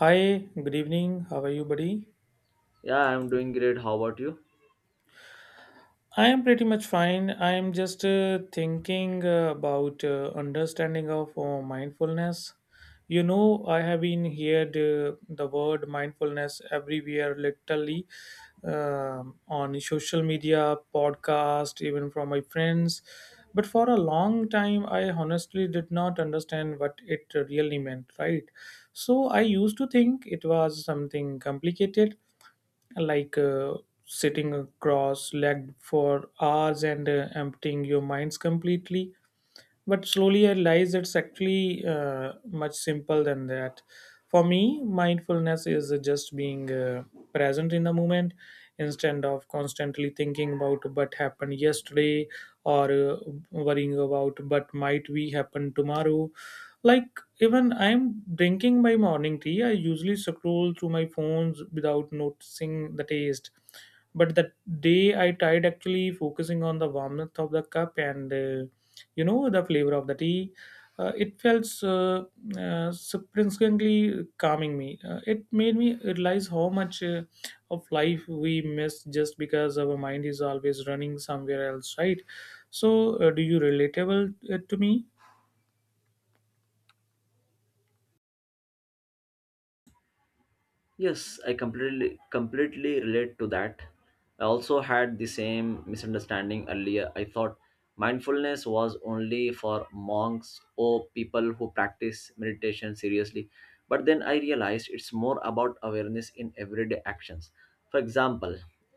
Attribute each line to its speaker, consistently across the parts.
Speaker 1: Hi, good evening. How are you, buddy?
Speaker 2: Yeah, I'm doing great. How about you?
Speaker 1: I am pretty much fine. I am just thinking about understanding of mindfulness. You know, I have been heard the word mindfulness everywhere, literally on social media, podcast, even from my friends. But for a long time, I honestly did not understand what it really meant. Right? So I used to think it was something complicated like sitting cross legged for hours and emptying your minds completely, but slowly I realized it's actually much simple than that. For me, mindfulness is just being present in the moment instead of constantly thinking about what happened yesterday or worrying about what might be happen tomorrow. Like even I'm drinking my morning tea, I usually scroll through my phones without noticing the taste. But the day I tried actually focusing on the warmth of the cup and the flavor of the tea, it felt surprisingly calming me. Uh, it made me realize how much of life we miss just because our mind is always running somewhere else, right? So do you relatable to me?
Speaker 2: Yes, I completely relate to that. I also had the same misunderstanding earlier. I thought mindfulness was only for monks or people who practice meditation seriously. But then I realized it's more about awareness in everyday actions. For example,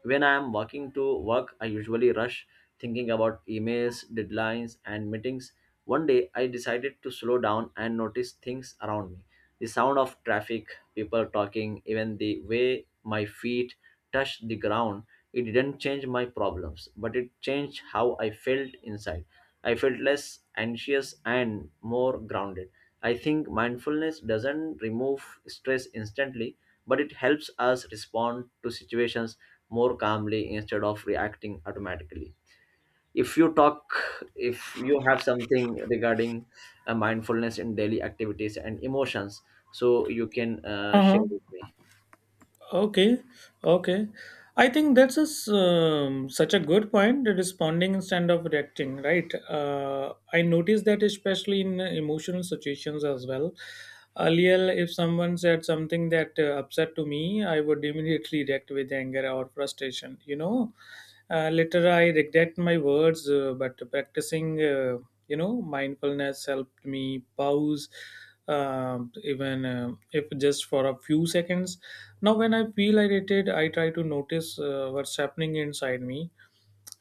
Speaker 2: when I am walking to work, I usually rush thinking about emails, deadlines, and meetings. One day I decided to slow down and notice things around me. The sound of traffic, people talking, even the way my feet touched the ground, it didn't change my problems, but it changed how I felt inside. I felt less anxious and more grounded. I think mindfulness doesn't remove stress instantly, but it helps us respond to situations more calmly instead of reacting automatically. If you talk, if you have something regarding mindfulness in daily activities and emotions, so you can
Speaker 1: Uh-huh.
Speaker 2: share with me.
Speaker 1: Okay, okay. I think that's such a good point. Responding instead of reacting, right? I noticed that especially in emotional situations as well. Earlier, if someone said something that upset to me, I would immediately react with anger or frustration. You know, later I regret my words, but practicing, mindfulness helped me pause, even if just for a few seconds. Now, when I feel irritated, I try to notice what's happening inside me,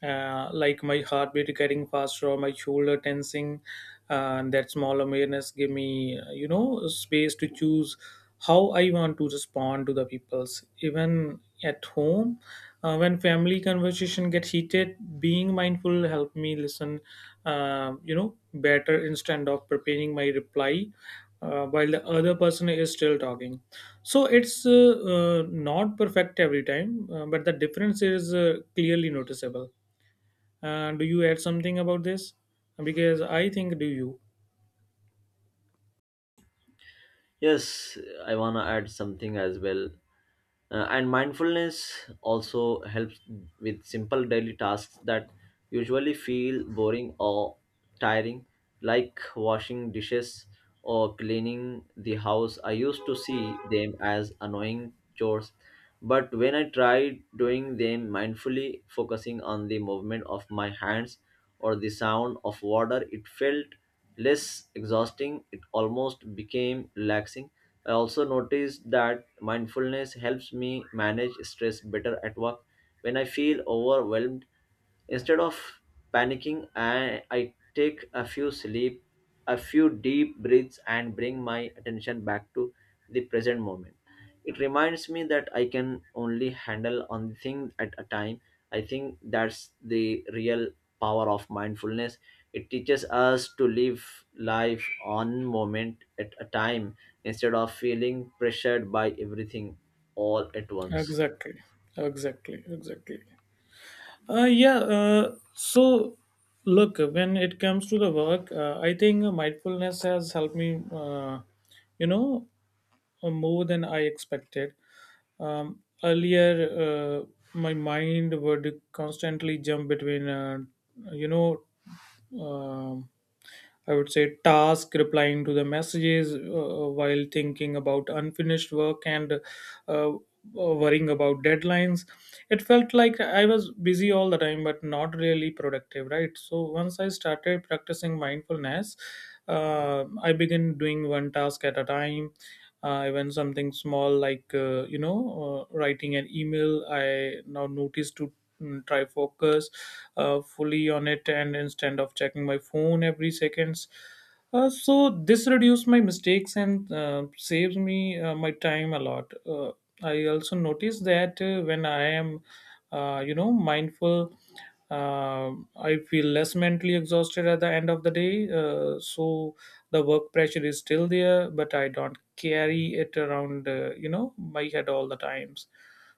Speaker 1: like my heartbeat getting faster or my shoulder tensing, and that small awareness give me space to choose how I want to respond to the people's, even at home. When family conversation get heated, being mindful help me listen better instead of preparing my reply while the other person is still talking. So it's not perfect every time, but the difference is clearly noticeable. Do you add something about this? Because I think, do you—
Speaker 2: Yes, I want to add something as well. And mindfulness also helps with simple daily tasks that usually feel boring or tiring, like washing dishes or cleaning the house. I used to see them as annoying chores, but when I tried doing them mindfully, focusing on the movement of my hands or the sound of water, it felt less exhausting. It almost became relaxing. I also noticed that mindfulness helps me manage stress better at work. When I feel overwhelmed, instead of panicking, I take a few sleep, a few deep breaths and bring my attention back to the present moment. It reminds me that I can only handle one thing at a time. I think that's the real power of mindfulness. It teaches us to live life one moment at a time instead of feeling pressured by everything all at once.
Speaker 1: Exactly, exactly, exactly. Yeah. So look, when it comes to the work, I think mindfulness has helped me. You know, More than I expected. Earlier, my mind would constantly jump between, you know, um I would say task, replying to the messages, while thinking about unfinished work and uh, worrying about deadlines. It felt like I was busy all the time, but not really productive, right? So once I started practicing mindfulness, I began doing one task at a time, even something small like writing an email. I now notice to try focus fully on it, and instead of checking my phone every seconds. So this reduces my mistakes and saves me my time a lot. I also notice that when I am mindful, uh, I feel less mentally exhausted at the end of the day. So the work pressure is still there, but I don't carry it around my head all the times.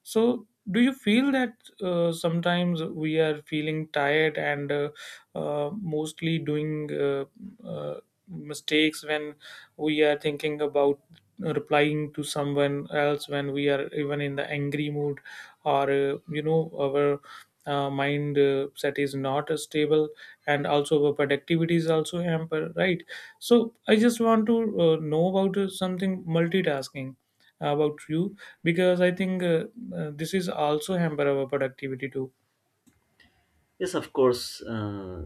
Speaker 1: So do you feel that sometimes we are feeling tired and mostly doing uh, mistakes when we are thinking about replying to someone else, when we are even in the angry mood, or our mind set is not stable, and also our productivity is also hampered, right? So I just want to know about something multitasking about you, because I think this is also hamper our productivity too.
Speaker 2: Yes, of course. Uh,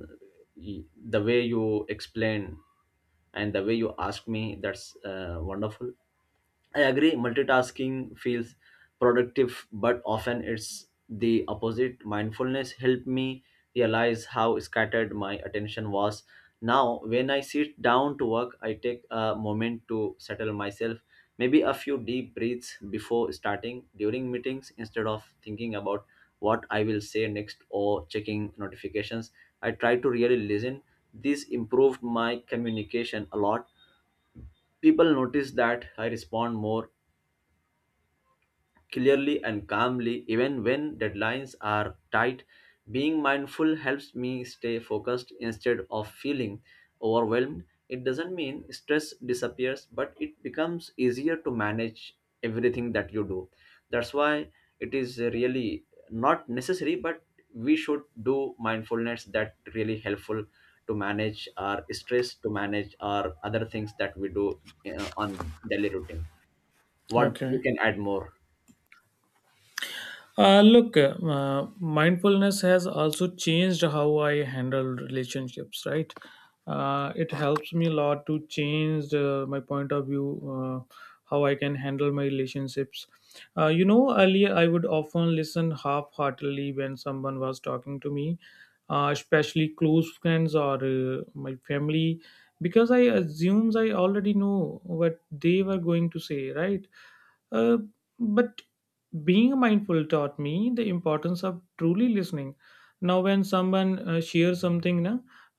Speaker 2: y- The way you explain and the way you ask me, that's wonderful. I agree, multitasking feels productive, but often it's the opposite. Mindfulness helped me realize how scattered my attention was. Now, when I sit down to work, I take a moment to settle myself, maybe a few deep breaths before starting. During meetings, instead of thinking about what I will say next or checking notifications, I try to really listen. This improved my communication a lot. People notice that I respond more clearly and calmly, even when deadlines are tight. Being mindful helps me stay focused instead of feeling overwhelmed. It doesn't mean stress disappears, but it becomes easier to manage everything that you do. That's why it is really not necessary, but we should do mindfulness that really helpful to manage our stress, to manage our other things that we do, you know, on daily routine. What you
Speaker 1: Okay.
Speaker 2: can add more?
Speaker 1: Look, mindfulness has also changed how I handle relationships, right? It helps me a lot to change my point of view, uh, how I can handle my relationships. Earlier, I would often listen half heartedly when someone was talking to me, especially close friends or my family, because I assumes I already know what they were going to say, right? Uh, but being mindful taught me the importance of truly listening. Now when someone shares something na,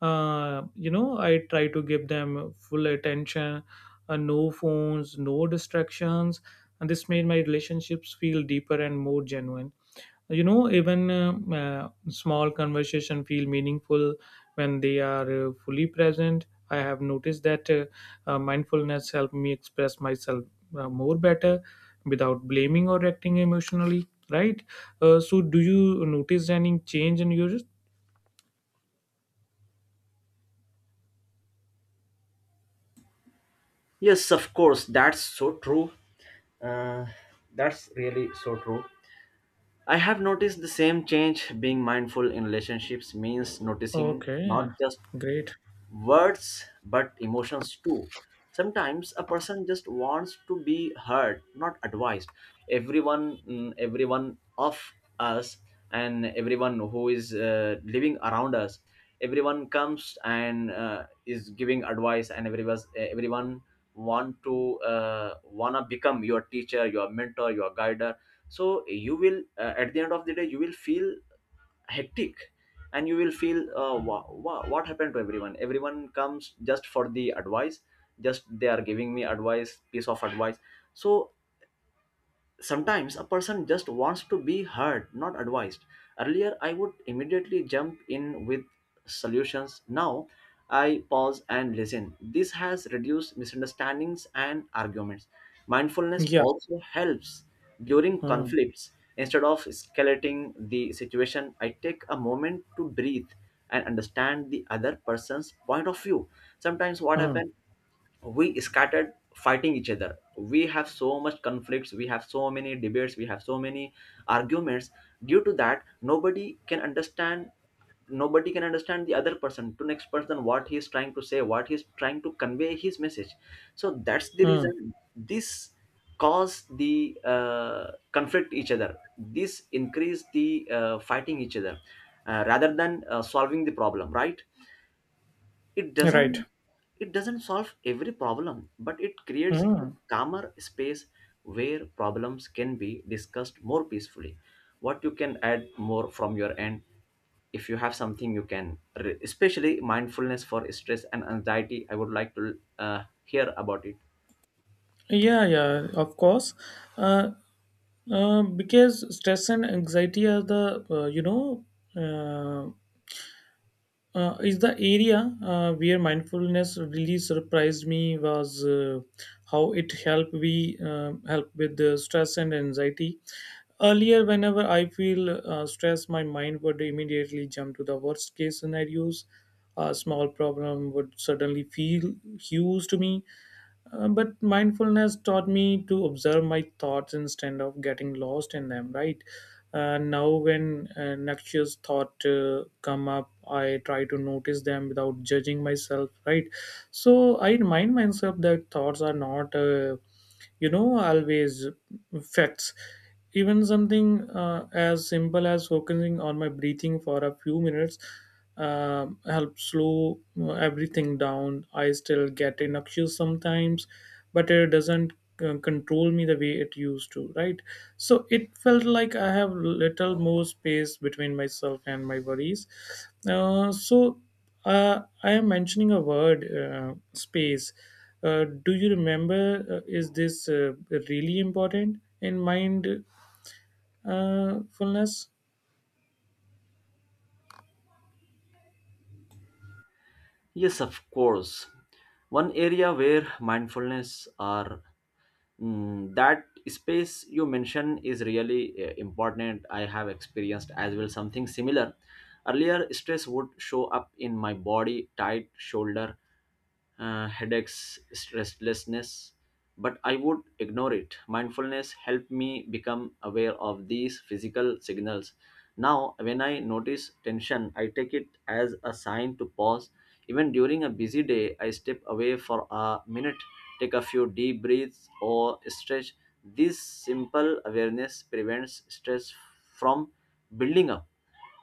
Speaker 1: I try to give them full attention, no phones, no distractions, and this made my relationships feel deeper and more genuine. Even small conversation feel meaningful when they are fully present. I have noticed that mindfulness helped me express myself more better without blaming or acting emotionally, right? So do you notice any change in yours?
Speaker 2: Yes, of course, that's so true. Uh, that's really so true. I have noticed the same change. Being mindful in relationships means noticing
Speaker 1: Okay.
Speaker 2: not just
Speaker 1: Great.
Speaker 2: words but emotions too. Sometimes a person just wants to be heard, not advised. Everyone, everyone of us, and everyone who is living around us, everyone comes and is giving advice, and everyone want to wanna become your teacher, your mentor, your guider. So you will, at the end of the day, you will feel hectic, and you will feel, wow, wow, what happened to everyone? Everyone comes just for the advice, just they are giving me advice, piece of advice. So sometimes a person just wants to be heard, not advised. Earlier, I would immediately jump in with solutions. Now, I pause and listen. This has reduced misunderstandings and arguments. Mindfulness
Speaker 1: Yeah.
Speaker 2: also helps during
Speaker 1: Mm,
Speaker 2: conflicts. Instead of escalating the situation, I take a moment to breathe and understand the other person's point of view. Sometimes, what
Speaker 1: mm,
Speaker 2: happens? We scattered fighting each other, we have so much conflicts, we have so many debates, we have so many arguments. Due to that, nobody can understand, nobody can understand the other person, to next person, what he is trying to say, what he is trying to convey his message. So that's the
Speaker 1: mm.
Speaker 2: reason this cause the conflict each other, this increase the fighting each other, rather than solving the problem, right? It
Speaker 1: Right.
Speaker 2: doesn't, it doesn't solve every problem, but it creates a
Speaker 1: Mm.
Speaker 2: calmer space where problems can be discussed more peacefully. What you can add more from your end? If you have something, you can especially mindfulness for stress and anxiety, I would like to hear about it.
Speaker 1: Yeah, yeah, of course. Uh, Um, because stress and anxiety are the uh, is the area where mindfulness really surprised me was how it helped we help with the stress and anxiety. Earlier, whenever I feel stress, my mind would immediately jump to the worst case scenarios. A small problem would suddenly feel huge to me, but mindfulness taught me to observe my thoughts instead of getting lost in them, right? Now when noxious thought come up, I try to notice them without judging myself, right? So I remind myself that thoughts are not always facts. Even something as simple as focusing on my breathing for a few minutes help slow everything down. I still get innocuous sometimes, but it doesn't control me the way it used to, right? So it felt like I have little more space between myself and my worries. So I am mentioning a word, space. Do you remember? Is this really important in mindfulness?
Speaker 2: Yes, of course. One area where mindfulness or Mm, that space you mentioned is really important. I have experienced as well something similar. Earlier, stress would show up in my body, tight shoulder, headaches, restlessness, but I would ignore it. Mindfulness helped me become aware of these physical signals. Now, when I notice tension, I take it as a sign to pause. Even during a busy day, I step away for a minute, take a few deep breaths, or stretch. This simple awareness prevents stress from building up.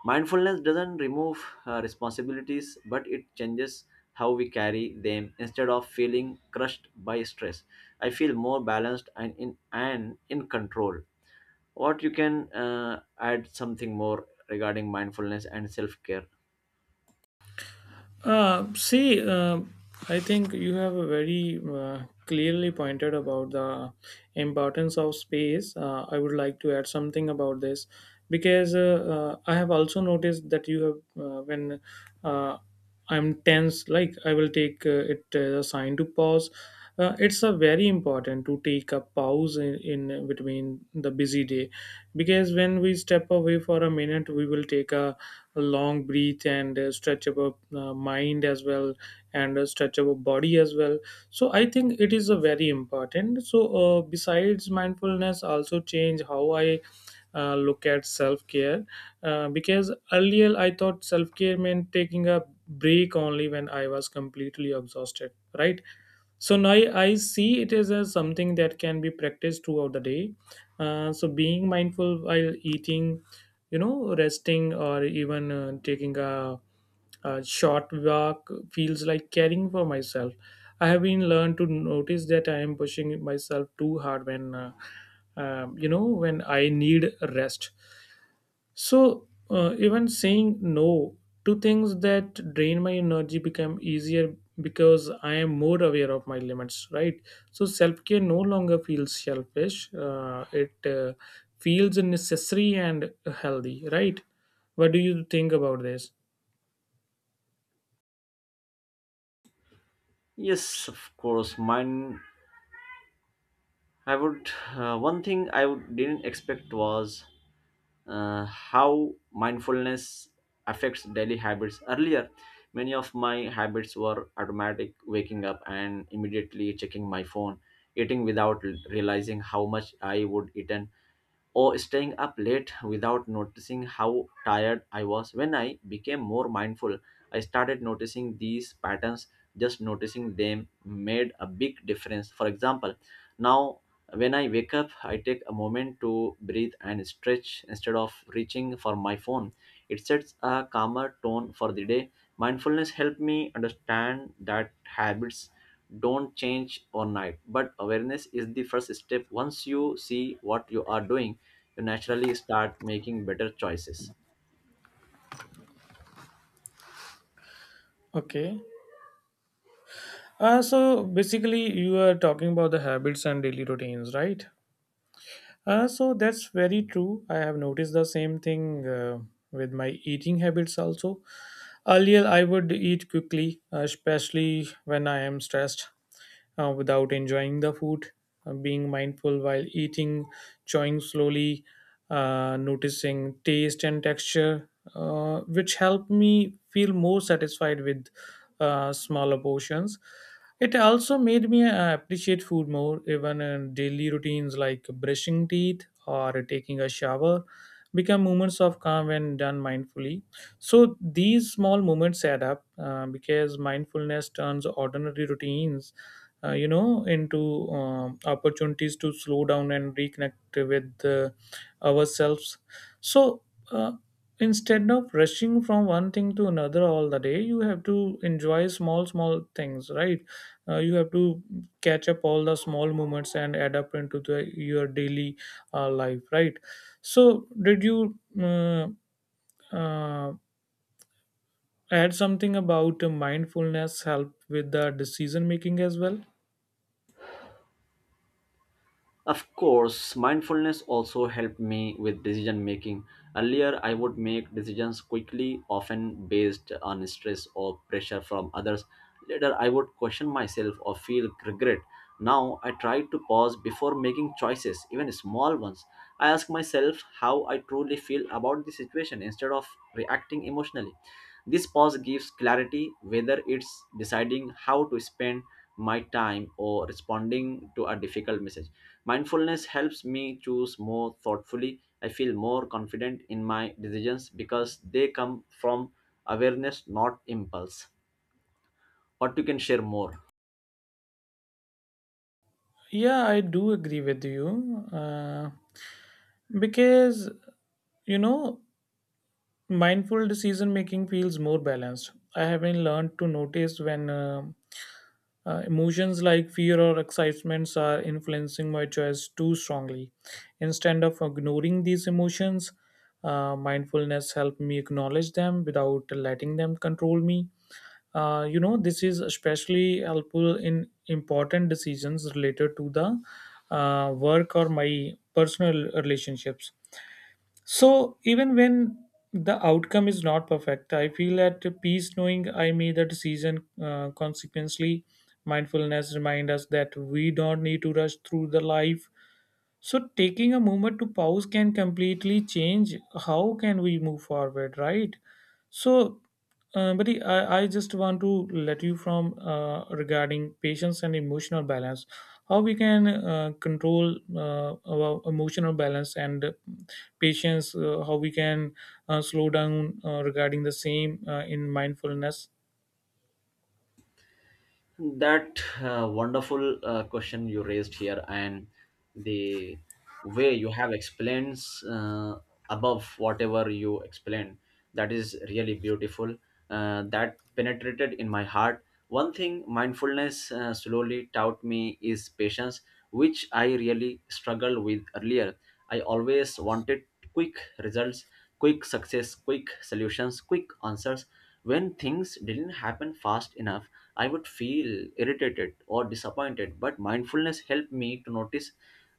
Speaker 2: Mindfulness doesn't remove responsibilities, but it changes how we carry them. Instead of feeling crushed by stress, I feel more balanced and in control. What you can add something more regarding mindfulness and self care?
Speaker 1: See, I think you have a very clearly pointed about the importance of space. I would like to add something about this, because I have also noticed that you have when uh, I'm tense, like I will take it as a sign to pause. It's a very important to take a pause in between the busy day, because when we step away for a minute we will take a long breath and stretch our mind as well, and stretch our body as well. So I think it is a very important. So besides mindfulness also change how I look at self care, because earlier I thought self care meant taking a break only when I was completely exhausted, right? So now I see it as something that can be practiced throughout the day. So being mindful while eating, resting, or even taking a short walk feels like caring for myself. I have been learned to notice that I am pushing myself too hard when, when I need rest. So, even saying no to things that drain my energy become easier, because I am more aware of my limits, right? So, self care no longer feels selfish. It feels necessary and healthy, right? What do you think about this?
Speaker 2: Yes, of course. Mine. I would. One thing I would, didn't expect was how mindfulness affects daily habits. Earlier, many of my habits were automatic, waking up and immediately checking my phone, eating without realizing how much I would eat, or staying up late without noticing how tired I was. When I became more mindful, I started noticing these patterns. Just noticing them made a big difference. For example, now when I wake up, I take a moment to breathe and stretch instead of reaching for my phone. It sets a calmer tone for the day. Mindfulness helped me understand that habits don't change overnight, but awareness is the first step. Once you see what you are doing, you naturally start making better choices.
Speaker 1: Okay. So basically, you are talking about the habits and daily routines, right? So that's very true. I have noticed the same thing with my eating habits also. Earlier, I would eat quickly, especially when I am stressed, without enjoying the food. Being mindful while eating, chewing slowly, noticing taste and texture, which helped me feel more satisfied with smaller portions. It also made me appreciate food more, even in daily routines like brushing teeth or taking a shower become moments of calm when done mindfully. So these small moments add up, because mindfulness turns ordinary routines, into opportunities to slow down and reconnect with ourselves. So. Uh, Instead of rushing from one thing to another all the day, you have to enjoy small small things, right? You have to catch up all the small moments and adapt into the your daily life, right? So did you uh, uh, add something about mindfulness help with the decision making as well?
Speaker 2: Of course, mindfulness also helped me with decision making. Earlier, I would make decisions quickly, often based on stress or pressure from others. Later, I would question myself or feel regret. Now, I try to pause before making choices, even small ones. I ask myself how I truly feel about the situation instead of reacting emotionally. This pause gives clarity, whether it's deciding how to spend my time or responding to a difficult message. Mindfulness helps me choose more thoughtfully. I feel more confident in my decisions because they come from awareness, not impulse. What you can share more?
Speaker 1: Yeah, I do agree with you, because you know mindful decision making feels more balanced. I have been learned to notice when emotions like fear or excitements are influencing my choice too strongly. Instead of ignoring these emotions, mindfulness helped me acknowledge them without letting them control me. This is especially helpful in important decisions related to the work or my personal relationships. So even when the outcome is not perfect, I feel at peace knowing I made the decision. Consequently, mindfulness reminds us that we don't need to rush through the life. So taking a moment to pause can completely change how can we move forward, right? So, buddy, I just want to let you from regarding patience and emotional balance how we can control our emotional balance and patience, how we can slow down regarding the same in mindfulness.
Speaker 2: That wonderful question you raised here, and the way you have explained, uh, above whatever you explained, that is really beautiful, that penetrated in my heart. One thing mindfulness slowly taught me is patience, which I really struggled with earlier. I always wanted quick results, quick success, quick solutions, quick answers. When things didn't happen fast enough, I would feel irritated or disappointed, but mindfulness helped me to notice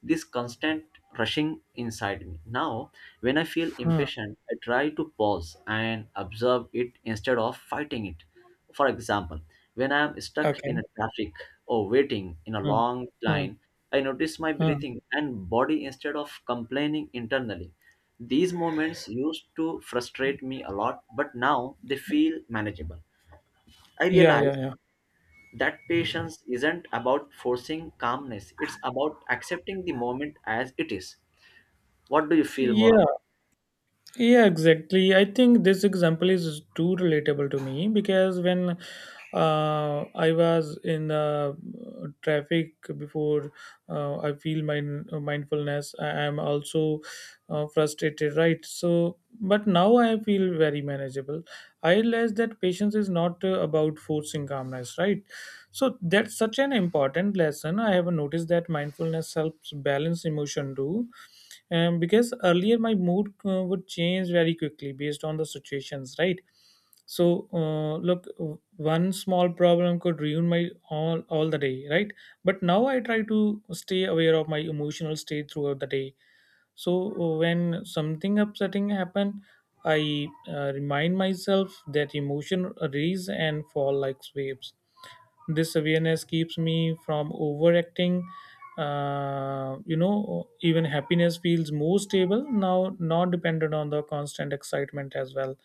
Speaker 2: this constant rushing inside me. Now, when I feel
Speaker 1: Hmm.
Speaker 2: impatient, I try to pause and observe it instead of fighting it. For example, when I am stuck in a
Speaker 1: Okay.
Speaker 2: traffic or waiting in a
Speaker 1: Hmm.
Speaker 2: long
Speaker 1: Hmm.
Speaker 2: line, I notice my
Speaker 1: Hmm.
Speaker 2: breathing and body instead of complaining internally. These moments used to frustrate me a lot, but now they feel manageable. I
Speaker 1: yeah
Speaker 2: realize
Speaker 1: yeah yeah
Speaker 2: that patience isn't about forcing calmness, it's about accepting the moment as it is. What do you feel more
Speaker 1: yeah.
Speaker 2: about?
Speaker 1: Yeah, exactly. I think this example is too relatable to me because when I was in the traffic before, I feel mindfulness. I am also frustrated, right? So, but now I feel very manageable. I realize that patience is not about forcing calmness, right? So that's such an important lesson. I have noticed that mindfulness helps balance emotion too, because earlier my mood would change very quickly based on the situations, right? So one small problem could ruin my all the day, right? But now I try to stay aware of my emotional state throughout the day. So when something upsetting happen, I remind myself that emotion rise and fall like waves. This awareness keeps me from overacting. Even happiness feels more stable now, not dependent on the constant excitement as well.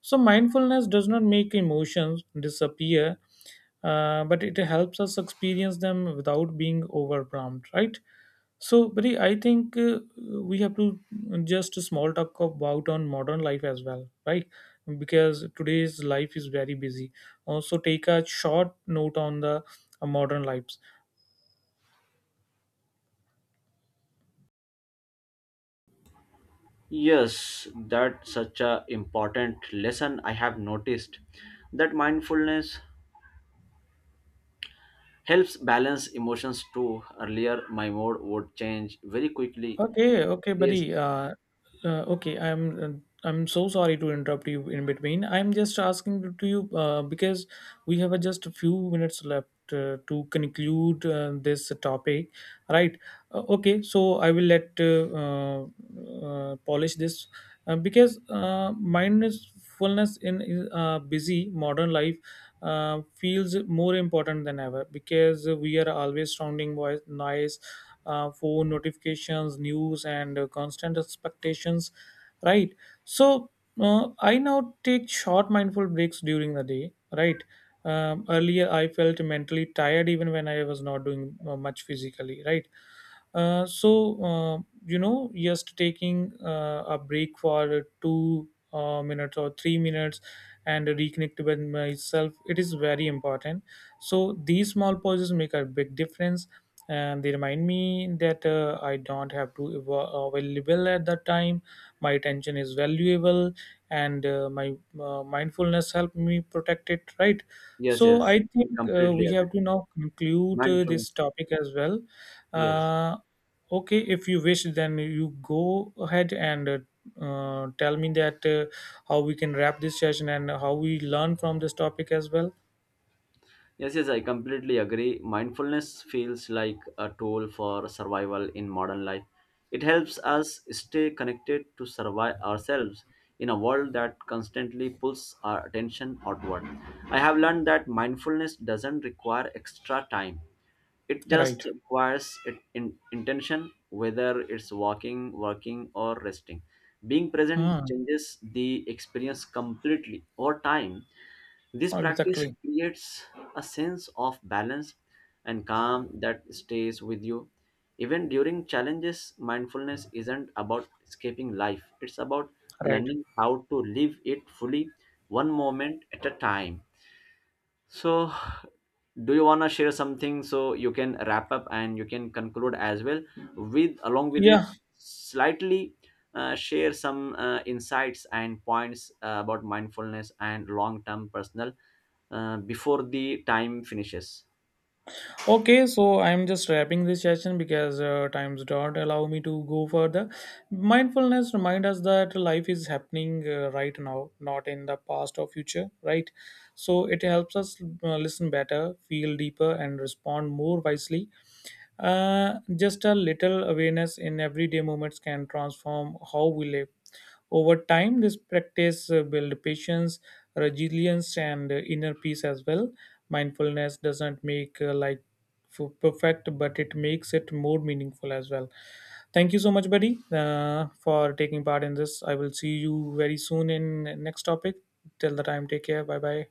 Speaker 1: So, mindfulness does not make emotions disappear, but it helps us experience them without being overwhelmed, right? So, Bri, I think we have to just a small talk about on modern life as well, right? Because today's life is very busy. Also, take a short note on the modern life.
Speaker 2: Yes, that's such a important lesson. I have noticed that mindfulness helps balance emotions too. Earlier my mood would change very quickly.
Speaker 1: Okay, okay,
Speaker 2: yes
Speaker 1: buddy. Okay, I'm so sorry to interrupt you in between. I'm just asking to you because we have just a few minutes left to conclude this topic, right? Okay, so I will let polish this because mindfulness in busy modern life feels more important than ever because we are always surrounding by noise, phone notifications, news, and constant expectations, right? So I now take short mindful breaks during the day, right? Earlier I felt mentally tired even when I was not doing much physically, right? So, just taking a break for two minutes or 3 minutes and reconnect with myself, it is very important. So these small pauses make a big difference, and they remind me that I don't have to available at that time. My attention is valuable, and my mindfulness help me protect it. Right.
Speaker 2: yes
Speaker 1: So
Speaker 2: yes
Speaker 1: I
Speaker 2: I
Speaker 1: think
Speaker 2: completely
Speaker 1: we have
Speaker 2: agree.
Speaker 1: to now conclude this
Speaker 2: Mindfulness.
Speaker 1: topic as well.
Speaker 2: Yes.
Speaker 1: Uh, okay, if you wish, then you go ahead and. Tell me that how we can wrap this session and how we learn from this topic as well.
Speaker 2: Yes, yes, I completely agree. Mindfulness feels like a tool for survival in modern life. It helps us stay connected to survive ourselves in a world that constantly pulls our attention outward. I have learned that mindfulness doesn't require extra time. It
Speaker 1: Right.
Speaker 2: just requires it in intention, whether it's walking, working, or resting. Being present
Speaker 1: Hmm.
Speaker 2: changes the experience completely. Over time this practice
Speaker 1: Exactly.
Speaker 2: creates a sense of balance and calm that stays with you. Even during challenges, mindfulness isn't about escaping life, it's about
Speaker 1: Right.
Speaker 2: learning how to live it fully, one moment at a time. So, do you want to share something so you can wrap up and you can conclude as well, with along with
Speaker 1: Yeah.
Speaker 2: it slightly share some insights and points about mindfulness and long term personal before the time finishes.
Speaker 1: Okay, so I'm just wrapping this session because times don't allow me to go further. Mindfulness reminds us that life is happening right now, not in the past or future, right? So it helps us listen better, feel deeper, and respond more wisely. Just a little awareness in everyday moments can transform how we live. Over time, this practice build patience, resilience, and inner peace as well. Mindfulness doesn't make life perfect, but it makes it more meaningful as well. Thank you so much, buddy, for taking part in this. I will see you very soon in next topic. Till the time, take care. Bye bye.